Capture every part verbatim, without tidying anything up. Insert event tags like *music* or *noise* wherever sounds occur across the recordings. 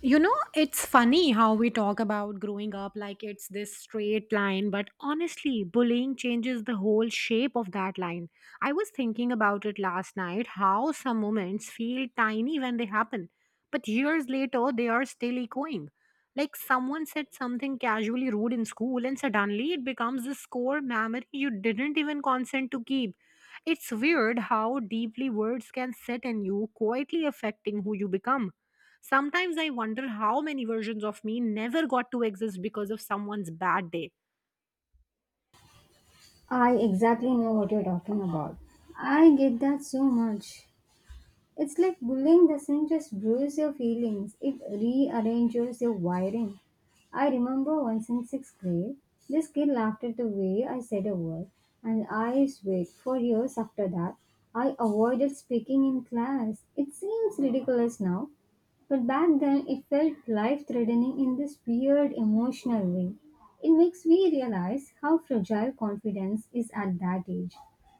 You know, it's funny how we talk about growing up like it's this straight line, but honestly, bullying changes the whole shape of that line. I was thinking about it last night how some moments feel tiny when they happen, but years later they are still echoing. Like someone said something casually rude in school, and suddenly it becomes this core memory you didn't even consent to keep. It's weird how deeply words can sit in you, quietly affecting who you become. Sometimes I wonder how many versions of me never got to exist because of someone's bad day. I exactly know what you're talking about. I get that so much. It's like bullying doesn't just bruise your feelings, it rearranges your wiring. I remember once in sixth grade, this kid laughed at the way I said a word, and I swear for years after that, I avoided speaking in class. It seems ridiculous now, but back then it felt life threatening in this weird emotional way. It makes me realize how fragile confidence is at that age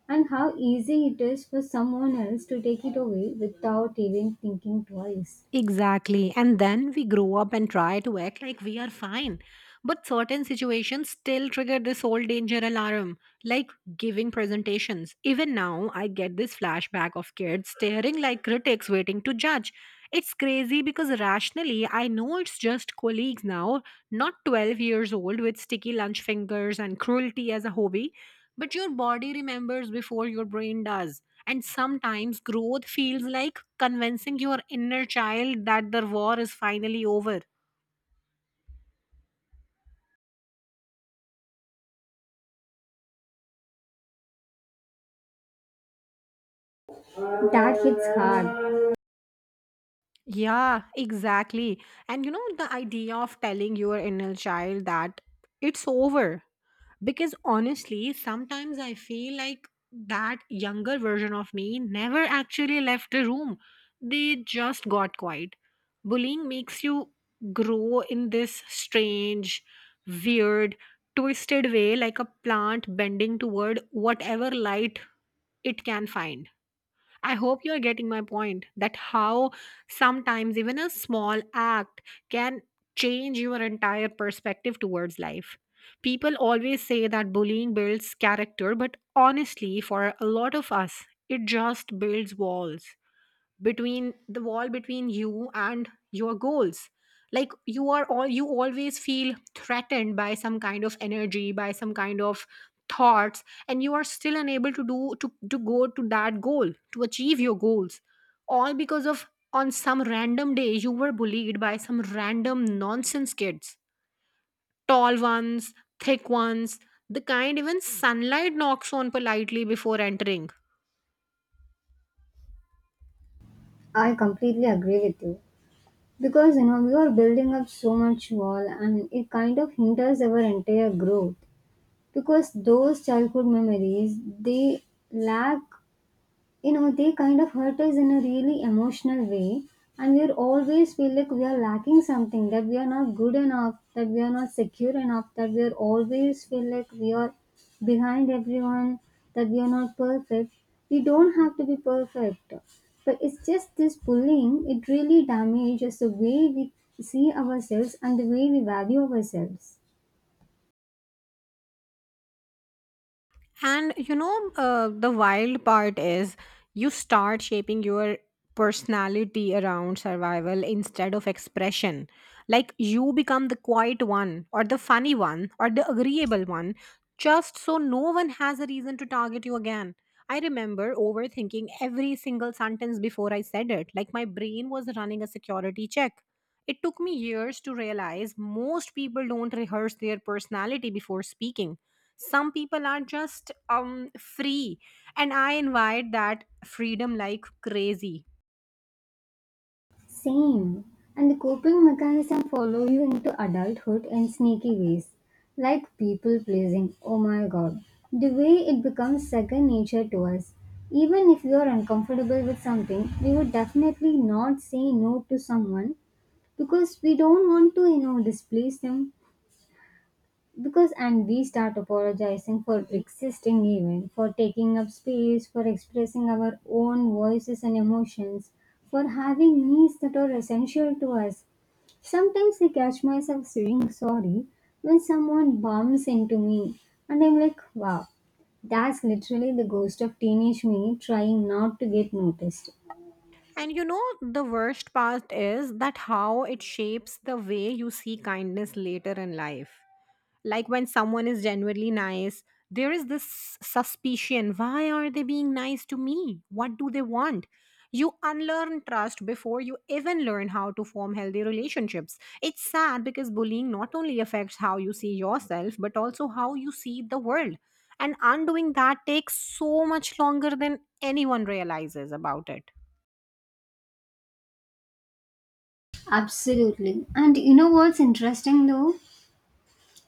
and how easy it is for someone else to take it away without even thinking twice. Exactly. And then we grow up and try to act like we are fine. But certain situations still trigger this old danger alarm, like giving presentations. Even now, I get this flashback of kids staring like critics waiting to judge. It's crazy because rationally, I know it's just colleagues now, not twelve years old with sticky lunch fingers and cruelty as a hobby. But your body remembers before your brain does. And sometimes growth feels like convincing your inner child that the war is finally over. That hits hard. Yeah, exactly. And you know, the idea of telling your inner child that it's over. Because honestly, sometimes I feel like that younger version of me never actually left the room. They just got quiet. Bullying makes you grow in this strange, weird, twisted way, like a plant bending toward whatever light it can find. I hope you're getting my point that how sometimes even a small act can change your entire perspective towards life. People always say that bullying builds character, but honestly, for a lot of us, it just builds walls between the wall between you and your goals, like you are all you always feel threatened by some kind of energy, by some kind of thoughts, and you are still unable to do to, to go to that goal, to achieve your goals, all because of on some random day you were bullied by some random nonsense kids, tall ones, thick ones, the kind even sunlight knocks on politely before entering. I completely agree with you. Because you know, we are building up so much wall and it kind of hinders our entire growth. Because those childhood memories, they lack, you know, they kind of hurt us in a really emotional way, and we always feel like we are lacking something, that we are not good enough, that we are not secure enough, that we are always feel like we are behind everyone, that we are not perfect. We don't have to be perfect, but it's just this bullying, it really damages the way we see ourselves and the way we value ourselves. And you know, uh, the wild part is you start shaping your personality around survival instead of expression. Like you become the quiet one, or the funny one, or the agreeable one, just so no one has a reason to target you again. I remember overthinking every single sentence before I said it. Like my brain was running a security check. It took me years to realize most people don't rehearse their personality before speaking. Some people are just um free, and I invite that freedom like crazy. Same. And the coping mechanism follow you into adulthood in sneaky ways, like people pleasing. Oh my god. The way it becomes second nature to us. Even if we are uncomfortable with something, we would definitely not say no to someone because we don't want to, you know, displease them. Because and we start apologizing for existing even, for taking up space, for expressing our own voices and emotions, for having needs that are essential to us. Sometimes I catch myself saying sorry when someone bumps into me and I'm like, wow, that's literally the ghost of teenage me trying not to get noticed. And you know, the worst part is that how it shapes the way you see kindness later in life. Like when someone is genuinely nice, there is this suspicion, why are they being nice to me? What do they want? You unlearn trust before you even learn how to form healthy relationships. It's sad because bullying not only affects how you see yourself, but also how you see the world. And undoing that takes so much longer than anyone realizes about it. Absolutely. And you know what's interesting though?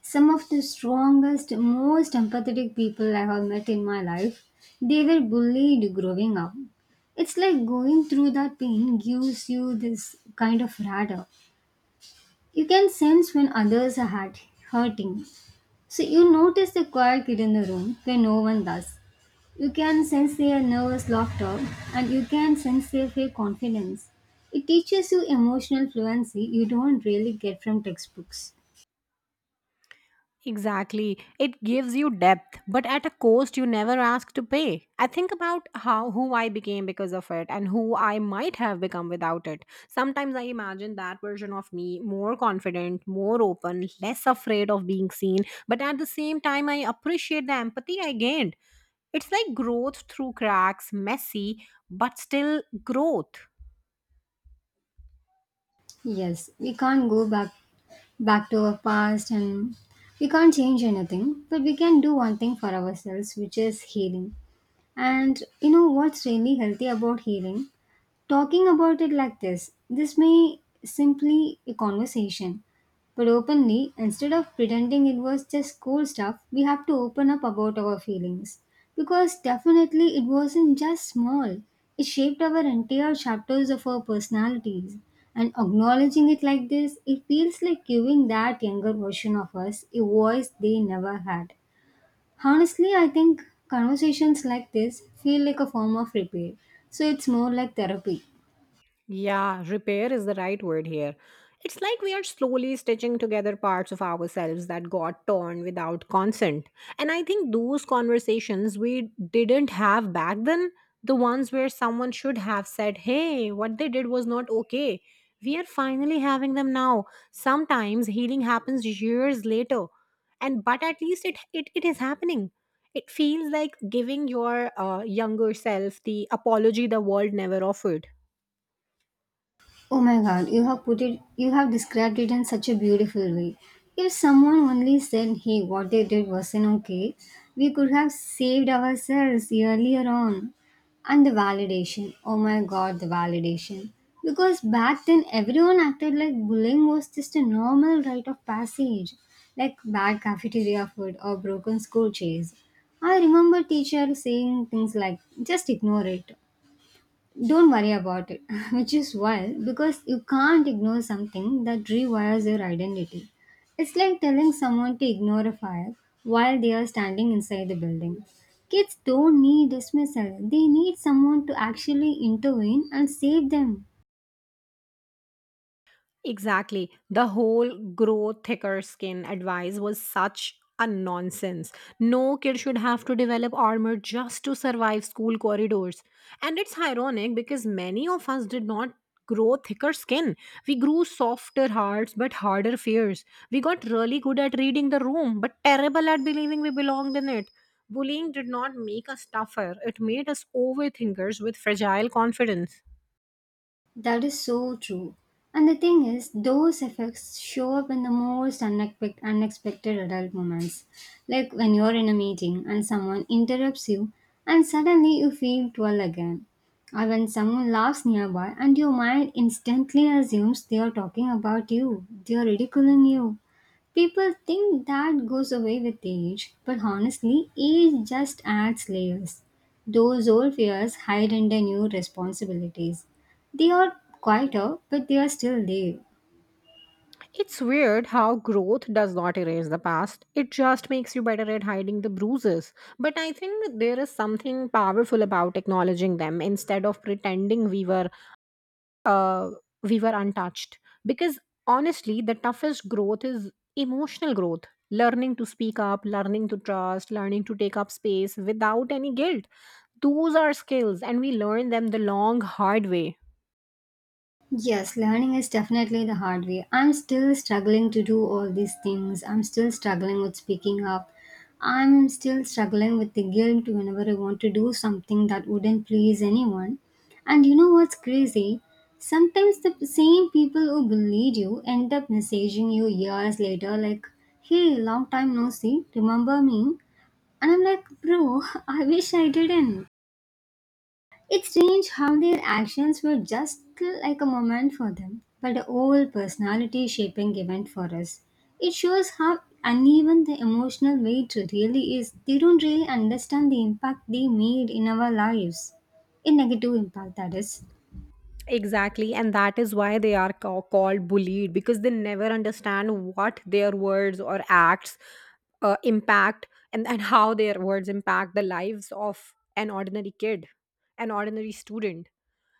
Some of the strongest, most empathetic people I have met in my life, they were bullied growing up. It's like going through that pain gives you this kind of radar. You can sense when others are hurt, hurting. So you notice the quiet kid in the room where no one does. You can sense their nervous laughter and you can sense their fake confidence. It teaches you emotional fluency you don't really get from textbooks. Exactly. It gives you depth, but at a cost you never ask to pay. I think about how who I became because of it and who I might have become without it. Sometimes I imagine that version of me more confident, more open, less afraid of being seen, but at the same time I appreciate the empathy I gained. It's like growth through cracks, messy, but still growth. Yes, we can't go back back to our past, and we can't change anything, but we can do one thing for ourselves, which is healing. And you know what's really healthy about healing? Talking about it like this, this may simply a conversation, but openly, instead of pretending it was just cool stuff, we have to open up about our feelings. Because definitely it wasn't just small, it shaped our entire chapters of our personalities. And acknowledging it like this, it feels like giving that younger version of us a voice they never had. Honestly, I think conversations like this feel like a form of repair, so it's more like therapy. Yeah, repair is the right word here. It's like we are slowly stitching together parts of ourselves that got torn without consent. And I think those conversations we didn't have back then, the ones where someone should have said, hey, what they did was not okay, we are finally having them now. Sometimes healing happens years later. And but at least it, it, it is happening. It feels like giving your uh, younger self the apology the world never offered. Oh my god, you have put it you have described it in such a beautiful way. If someone only said, hey, what they did wasn't okay, we could have saved ourselves earlier on. And the validation, oh my god, the validation. Because back then everyone acted like bullying was just a normal rite of passage, like bad cafeteria food or broken school chairs. I remember teacher saying things like, just ignore it, don't worry about it, *laughs* which is wild because you can't ignore something that rewires your identity. It's like telling someone to ignore a fire while they are standing inside the building. Kids don't need dismissal, they need someone to actually intervene and save them. Exactly. The whole grow thicker skin advice was such a nonsense. No kid should have to develop armor just to survive school corridors. And it's ironic because many of us did not grow thicker skin. We grew softer hearts but harder fears. We got really good at reading the room but terrible at believing we belonged in it. Bullying did not make us tougher, it made us overthinkers with fragile confidence. That is so true. And the thing is, those effects show up in the most unexpect- unexpected adult moments. Like when you're in a meeting and someone interrupts you, and suddenly you feel twirl again. Or when someone laughs nearby, and your mind instantly assumes they are talking about you, they are ridiculing you. People think that goes away with age, but honestly, age just adds layers. Those old fears hide under new responsibilities. They are quieter, but they are still there. It's weird how growth does not erase the past. It just makes you better at hiding the bruises. But I think there is something powerful about acknowledging them instead of pretending we were uh, we were untouched. Because honestly, the toughest growth is emotional growth. Learning to speak up, learning to trust, learning to take up space without any guilt. Those are skills, and we learn them the long, hard way. Yes, learning is definitely the hard way. I'm still struggling to do all these things. I'm still struggling with speaking up. I'm still struggling with the guilt whenever I want to do something that wouldn't please anyone. And you know what's crazy? Sometimes the same people who bullied you end up messaging you years later, like, hey, long time no see, remember me? And I'm like, bro, *laughs* I wish I didn't. It's strange how their actions were just like a moment for them, but a whole personality shaping event for us. It shows how uneven the emotional weight really is. They don't really understand the impact they made in our lives. A negative impact, that is. Exactly, and that is why they are ca- called bullied because they never understand what their words or acts uh, impact, and, and how their words impact the lives of an ordinary kid, an ordinary student.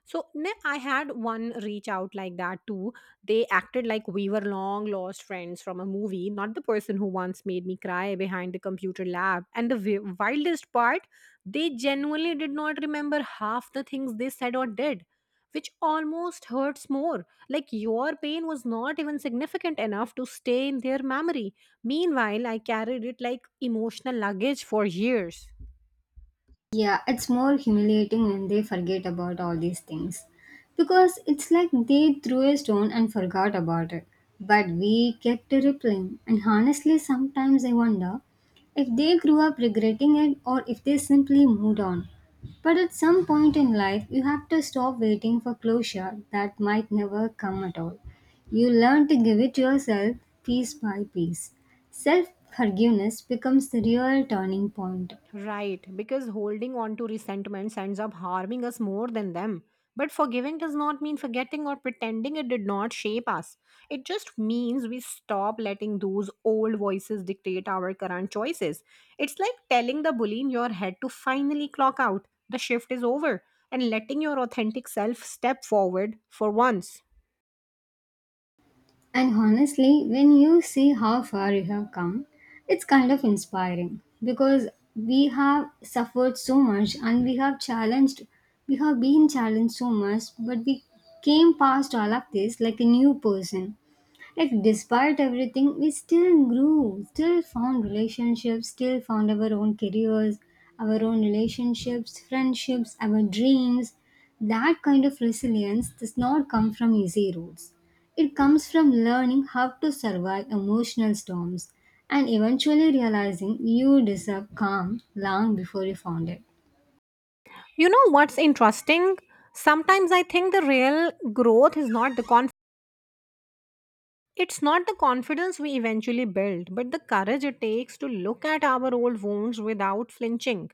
So ne- I had one reach out like that too. They acted like we were long lost friends from a movie, not the person who once made me cry behind the computer lab. And the wi- wildest part, they genuinely did not remember half the things they said or did, which almost hurts more. Like your pain was not even significant enough to stay in their memory. Meanwhile, I carried it like emotional luggage for years. Yeah, it's more humiliating when they forget about all these things. Because it's like they threw a stone and forgot about it. But we kept replying. And honestly, sometimes I wonder if they grew up regretting it or if they simply moved on. But at some point in life, you have to stop waiting for closure that might never come at all. You learn to give it yourself piece by piece. Self forgiveness becomes the real turning point. Right, because holding on to resentments ends up harming us more than them. But forgiving does not mean forgetting or pretending it did not shape us. It just means we stop letting those old voices dictate our current choices. It's like telling the bully in your head to finally clock out. The shift is over. And letting your authentic self step forward for once. And honestly, when you see how far you have come, it's kind of inspiring because we have suffered so much, and we have challenged, we have been challenged so much, but we came past all of this like a new person, like despite everything we still grew, still found relationships, still found our own careers, our own relationships, friendships, our dreams. That kind of resilience does not come from easy routes. It comes from learning how to survive emotional storms, and eventually realizing you deserve calm long before you found it. You know what's interesting? Sometimes I think the real growth is not the, it's not the confidence we eventually build, but the courage it takes to look at our old wounds without flinching.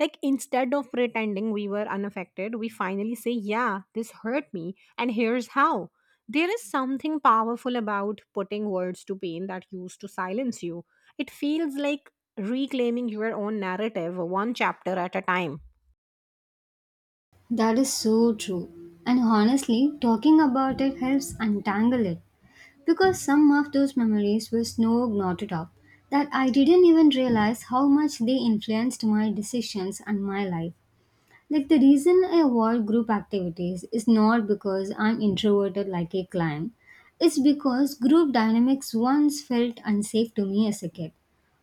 Like, instead of pretending we were unaffected, we finally say, yeah, this hurt me, and here's how. There is something powerful about putting words to pain that used to silence you. It feels like reclaiming your own narrative one chapter at a time. That is so true. And honestly, talking about it helps untangle it. Because some of those memories were so knotted up that I didn't even realize how much they influenced my decisions and my life. Like the reason I avoid group activities is not because I'm introverted like a clam. It's because group dynamics once felt unsafe to me as a kid,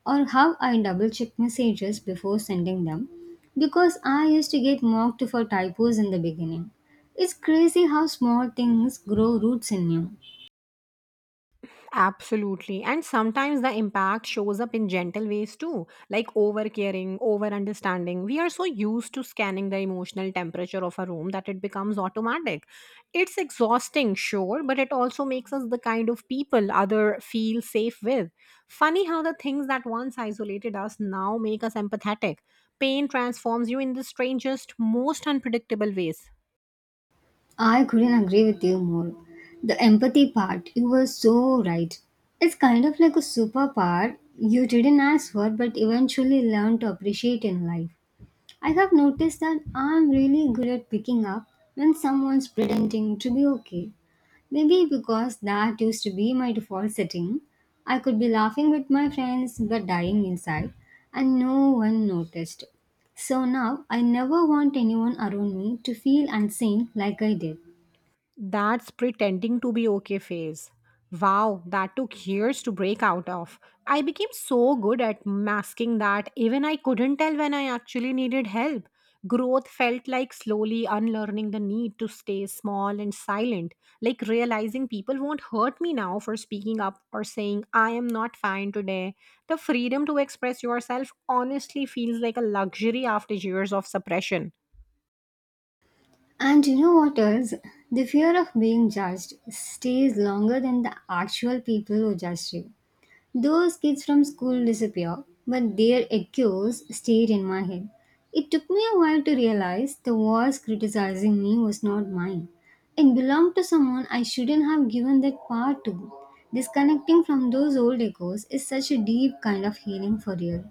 or how I double check messages before sending them because I used to get mocked for typos in the beginning. It's crazy how small things grow roots in you. Absolutely. And sometimes the impact shows up in gentle ways too, like over caring, over understanding. We are so used to scanning the emotional temperature of a room that it becomes automatic. It's exhausting, sure, but it also makes us the kind of people other feel safe with. Funny how the things that once isolated us now make us empathetic. Pain transforms you in the strangest, most unpredictable ways. I couldn't agree with you more. The empathy part, you were so right. It's kind of like a superpower you didn't ask for but eventually learned to appreciate in life. I have noticed that I'm really good at picking up when someone's pretending to be okay. Maybe because that used to be my default setting. I could be laughing with my friends but dying inside, and no one noticed. So now I never want anyone around me to feel unseen like I did. That's pretending to be okay phase. Wow, that took years to break out of. I became so good at masking that even I couldn't tell when I actually needed help. Growth felt like slowly unlearning the need to stay small and silent, like realizing people won't hurt me now for speaking up or saying, I am not fine today. The freedom to express yourself honestly feels like a luxury after years of suppression. And you know what else? The fear of being judged stays longer than the actual people who judged you. Those kids from school disappear, but their echoes stayed in my head. It took me a while to realize the voice criticizing me was not mine. It belonged to someone I shouldn't have given that power to. Disconnecting from those old echoes is such a deep kind of healing for real.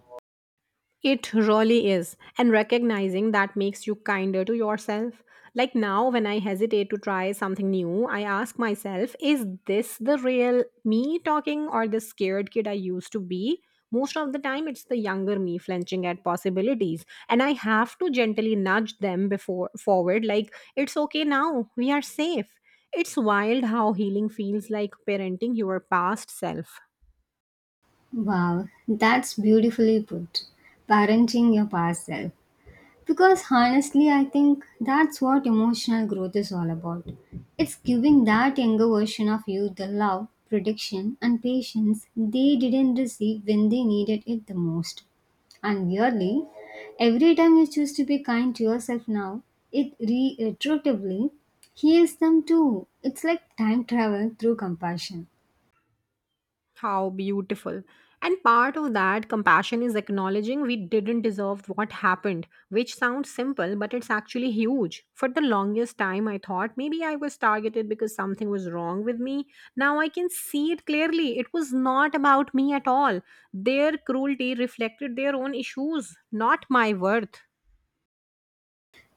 It really is. And recognizing that makes you kinder to yourself. Like now, when I hesitate to try something new, I ask myself, is this the real me talking or the scared kid I used to be? Most of the time, it's the younger me flinching at possibilities. And I have to gently nudge them before forward, like, it's okay now, we are safe. It's wild how healing feels like parenting your past self. Wow, that's beautifully put. Parenting your past self. Because honestly, I think that's what emotional growth is all about. It's giving that younger version of you the love, protection, and patience they didn't receive when they needed it the most. And weirdly, every time you choose to be kind to yourself now, it retroactively heals them too. It's like time travel through compassion. How beautiful. And part of that compassion is acknowledging we didn't deserve what happened, which sounds simple, but it's actually huge. For the longest time, I thought maybe I was targeted because something was wrong with me. Now I can see it clearly. It was not about me at all. Their cruelty reflected their own issues, not my worth.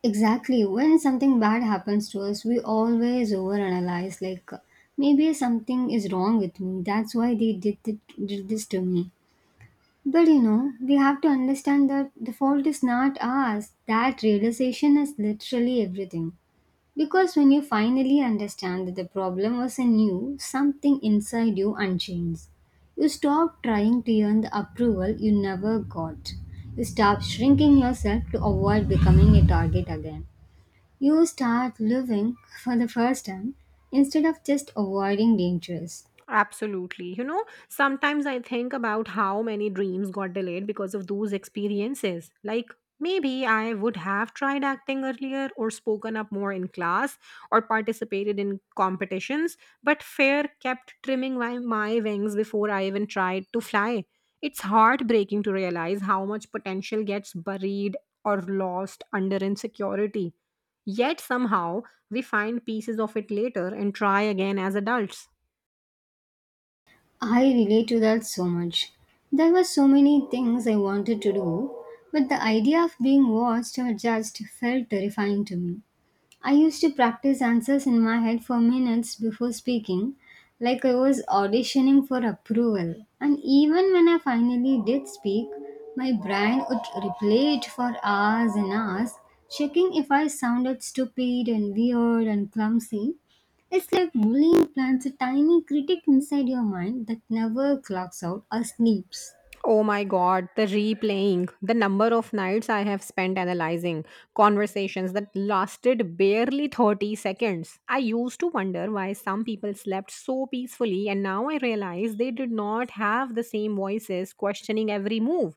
Exactly. When something bad happens to us, we always overanalyze, like uh, maybe something is wrong with me. That's why they did, th- did this to me. But you know, we have to understand that the fault is not ours. That realization is literally everything. Because when you finally understand that the problem was in you, something inside you unchains. You stop trying to earn the approval you never got. You stop shrinking yourself to avoid becoming a target again. You start living, for the first time, instead of just avoiding dangers. Absolutely. You know, sometimes I think about how many dreams got delayed because of those experiences. Like, maybe I would have tried acting earlier or spoken up more in class or participated in competitions, but fear kept trimming my, my wings before I even tried to fly. It's heartbreaking to realize how much potential gets buried or lost under insecurity. Yet somehow we find pieces of it later and try again as adults. I relate to that so much. There were so many things I wanted to do, but the idea of being watched or judged felt terrifying to me. I used to practice answers in my head for minutes before speaking, like I was auditioning for approval. And even when I finally did speak, my brain would replay it for hours and hours, checking if I sounded stupid and weird and clumsy. It's like bullying plants a tiny critic inside your mind that never clocks out or sleeps. Oh my god, the replaying, the number of nights I have spent analyzing conversations that lasted barely thirty seconds. I used to wonder why some people slept so peacefully, and now I realize they did not have the same voices questioning every move.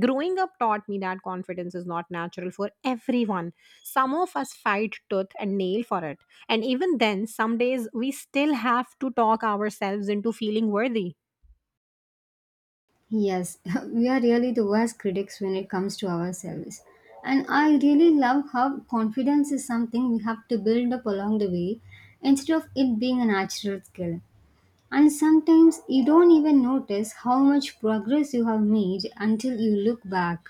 Growing up taught me that confidence is not natural for everyone. Some of us fight tooth and nail for it, and even then, some days we still have to talk ourselves into feeling worthy. Yes, *laughs* we are really the worst critics when it comes to ourselves. And I really love how confidence is something we have to build up along the way instead of it being a natural skill. And sometimes you don't even notice how much progress you have made until you look back.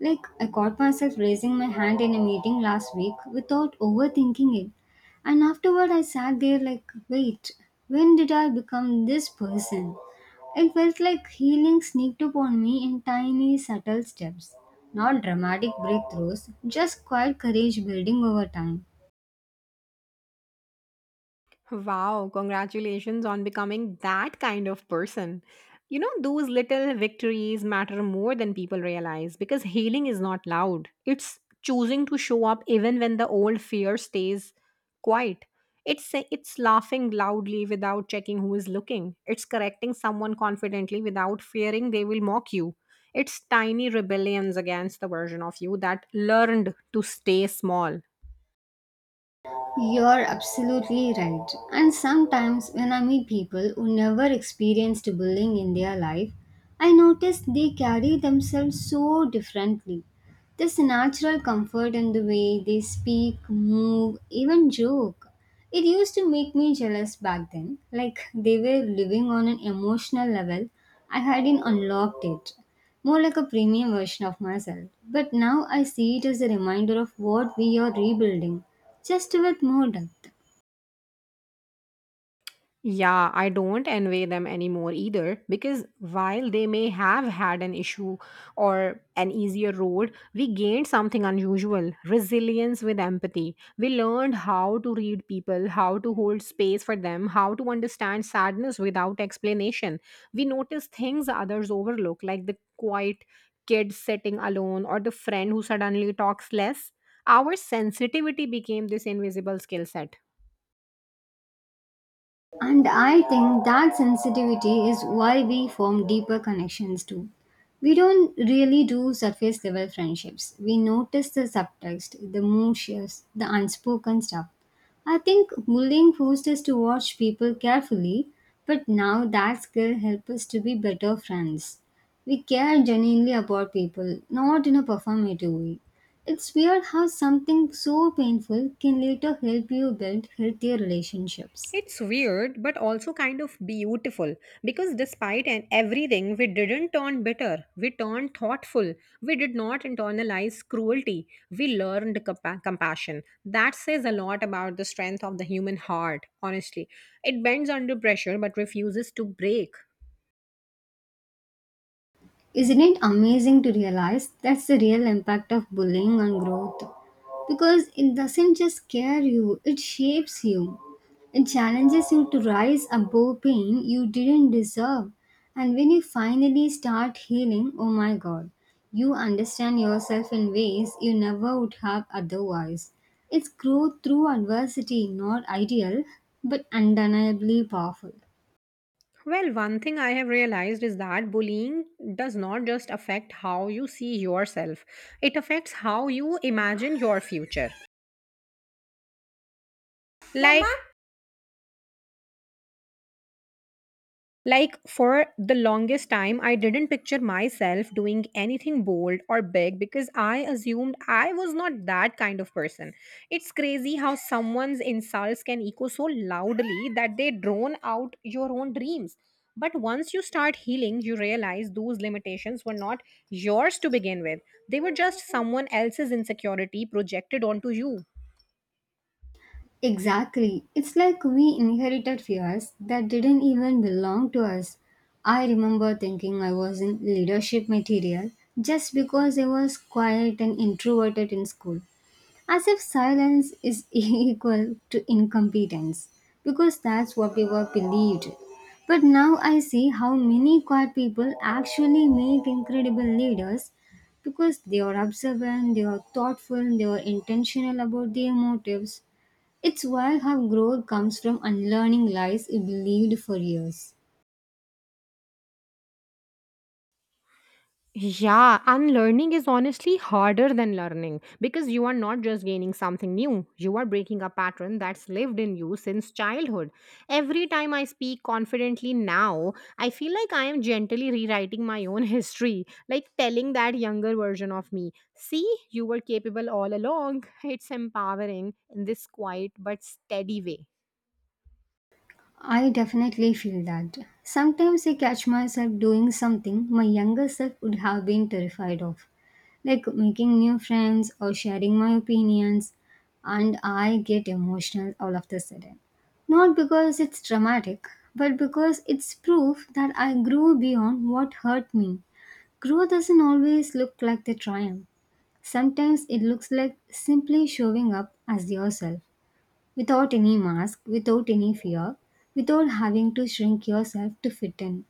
Like, I caught myself raising my hand in a meeting last week without overthinking it. And afterward, I sat there like, wait, when did I become this person? It felt like healing sneaked upon me in tiny, subtle steps. Not dramatic breakthroughs, just quiet courage building over time. Wow, congratulations on becoming that kind of person. You know, those little victories matter more than people realize because healing is not loud. It's choosing to show up even when the old fear stays quiet. It's sa- it's laughing loudly without checking who is looking. It's correcting someone confidently without fearing they will mock you. It's tiny rebellions against the version of you that learned to stay small. You're absolutely right. And sometimes when I meet people who never experienced bullying in their life, I notice they carry themselves so differently. This natural comfort in the way they speak, move, even joke. It used to make me jealous back then, like they were living on an emotional level I hadn't unlocked, it more like a premium version of myself. But now I see it as a reminder of what we are rebuilding, just with more depth. Yeah, I don't envy them anymore either because while they may have had an issue or an easier road, we gained something unusual resilience with empathy. We learned how to read people, how to hold space for them, how to understand sadness without explanation. We noticed things others overlook, like the quiet kid sitting alone or the friend who suddenly talks less. Our sensitivity became this invisible skill set. And I think that sensitivity is why we form deeper connections too. We don't really do surface level friendships. We notice the subtext, the mood shifts, the unspoken stuff. I think bullying forced us to watch people carefully, but now that skill helps us to be better friends. We care genuinely about people, not in a performative way. It's weird how something so painful can later help you build healthier relationships. It's weird, but also kind of beautiful because despite and everything, we didn't turn bitter. We turned thoughtful. We did not internalize cruelty. We learned compa- compassion. That says a lot about the strength of the human heart. Honestly, it bends under pressure but refuses to break. Isn't it amazing to realize that's the real impact of bullying on growth? Because it doesn't just scare you, it shapes you. It challenges you to rise above pain you didn't deserve. And when you finally start healing, oh my god, you understand yourself in ways you never would have otherwise. It's growth through adversity, not ideal, but undeniably powerful. Well, one thing I have realized is that bullying does not just affect how you see yourself, it affects how you imagine your future. Mama, like, Mama? Like, for the longest time, I didn't picture myself doing anything bold or big because I assumed I was not that kind of person. It's crazy how someone's insults can echo so loudly that they drone out your own dreams. But once you start healing, you realize those limitations were not yours to begin with, they were just someone else's insecurity projected onto you. Exactly. It's like we inherited fears that didn't even belong to us. I remember thinking I wasn't leadership material just because I was quiet and introverted in school. As if silence is *laughs* equal to incompetence, because that's what we were believed. But now I see how many quiet people actually make incredible leaders because they are observant, they are thoughtful, they are intentional about their motives. It's wild how growth comes from unlearning lies you believed for years. Yeah, unlearning is honestly harder than learning because you are not just gaining something new, you are breaking a pattern that's lived in you since childhood. Every time I speak confidently now, I feel like I am gently rewriting my own *laughs* history, like telling that younger version of me, see, you were capable all along. It's empowering in this quiet but steady way. I definitely feel that. Sometimes I catch myself doing something my younger self would have been terrified of, like making new friends or sharing my opinions, and I get emotional all of a sudden. Not because it's dramatic, but because it's proof that I grew beyond what hurt me. Growth doesn't always look like the triumph. Sometimes it looks like simply showing up as yourself, without any mask, without any fear, without having to shrink yourself to fit in.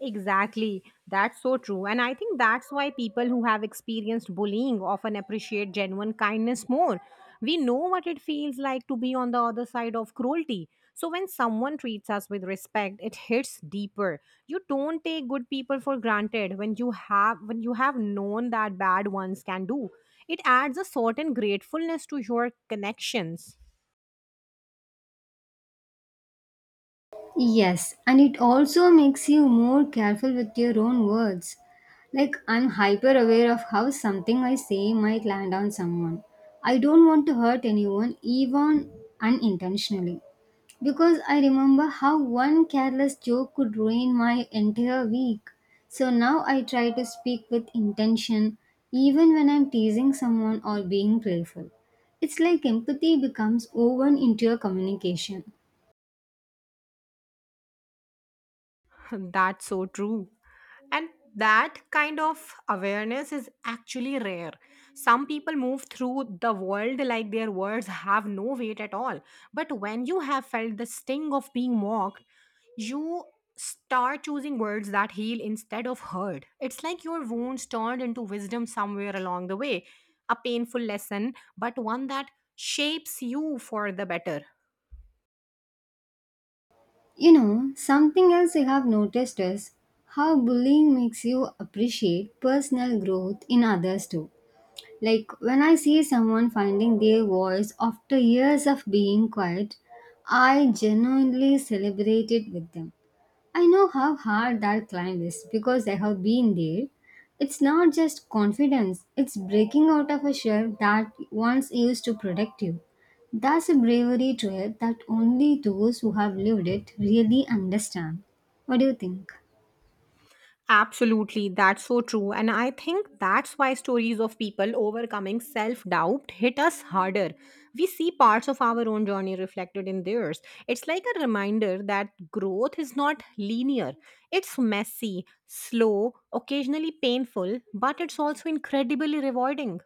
Exactly. That's so true. And I think that's why people who have experienced bullying often appreciate genuine kindness more. We know what it feels like to be on the other side of cruelty. So when someone treats us with respect, it hits deeper. You don't take good people for granted when you have when you have known that bad ones can do. It adds a certain gratefulness to your connections. Yes, and it also makes you more careful with your own words. Like, I'm hyper aware of how something I say might land on someone. I don't want to hurt anyone, even unintentionally. Because I remember how one careless joke could ruin my entire week. So now I try to speak with intention even when I'm teasing someone or being playful. It's like empathy becomes woven into your communication. *laughs* That's so true. And that kind of awareness is actually rare. Some people move through the world like their words have no weight at all. But when you have felt the sting of being mocked, you start choosing words that heal instead of hurt. It's like your wounds turned into wisdom somewhere along the way, a painful lesson, but one that shapes you for the better. You know, something else I have noticed is how bullying makes you appreciate personal growth in others too. Like when I see someone finding their voice after years of being quiet, I genuinely celebrate it with them. I know how hard that climb is because I have been there. It's not just confidence, it's breaking out of a shell that once used to protect you. That's a bravery trait that only those who have lived it really understand. What do you think? Absolutely, that's so true. And I think that's why stories of people overcoming self doubt hit us harder. We see parts of our own journey reflected in theirs. It's like a reminder that growth is not linear, it's messy, slow, occasionally painful, but it's also incredibly rewarding.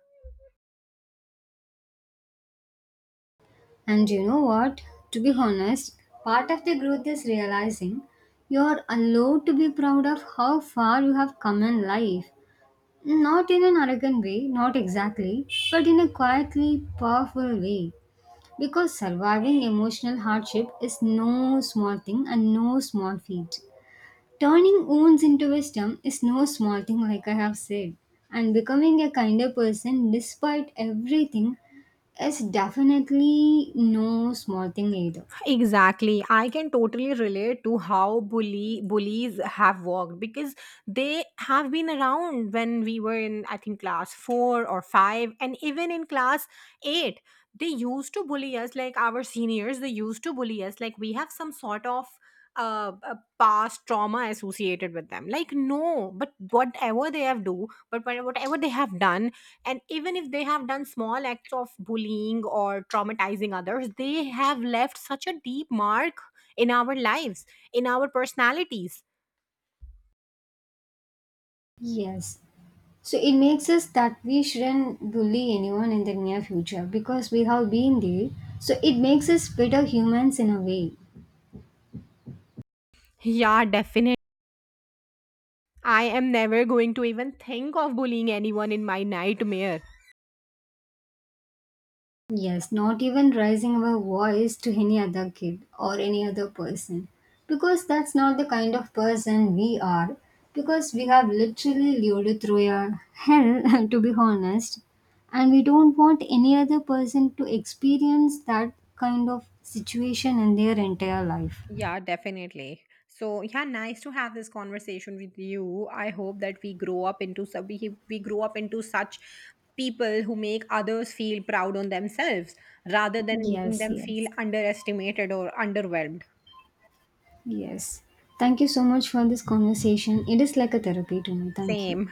And you know what? To be honest, part of the growth is realizing you're allowed to be proud of how far you have come in life. Not in an arrogant way, not exactly, but in a quietly powerful way. Because surviving emotional hardship is no small thing and no small feat. Turning wounds into wisdom is no small thing, like I have said, and becoming a kinder person despite everything is definitely no small thing either. Exactly. I can totally relate to how bully bullies have worked because they have been around when we were in, I think, class four or five, and even in class eight they used to bully us, like our seniors they used to bully us, like we have some sort of uh, uh, past trauma associated with them, like, no, but whatever they have do but whatever they have done. And even if they have done small acts of bullying or traumatizing others, they have left such a deep mark in our lives, in our personalities. Yes. So it makes us that we shouldn't bully anyone in the near future because we have been there. So it makes us better humans in a way. Yeah, definitely, I am never going to even think of bullying anyone in my nightmare. Yes, not even raising our voice to any other kid or any other person. Because that's not the kind of person we are. Because we have literally lived through a hell, *laughs* to be honest. And we don't want any other person to experience that kind of situation in their entire life. Yeah, definitely. So yeah, nice to have this conversation with you. I hope that we grow up into so we, we grow up into such people who make others feel proud on themselves rather than making Yes, them feel yes, underestimated or underwhelmed. yes. Thank you so much for this conversation. It is like a therapy to me. Thank you. Same.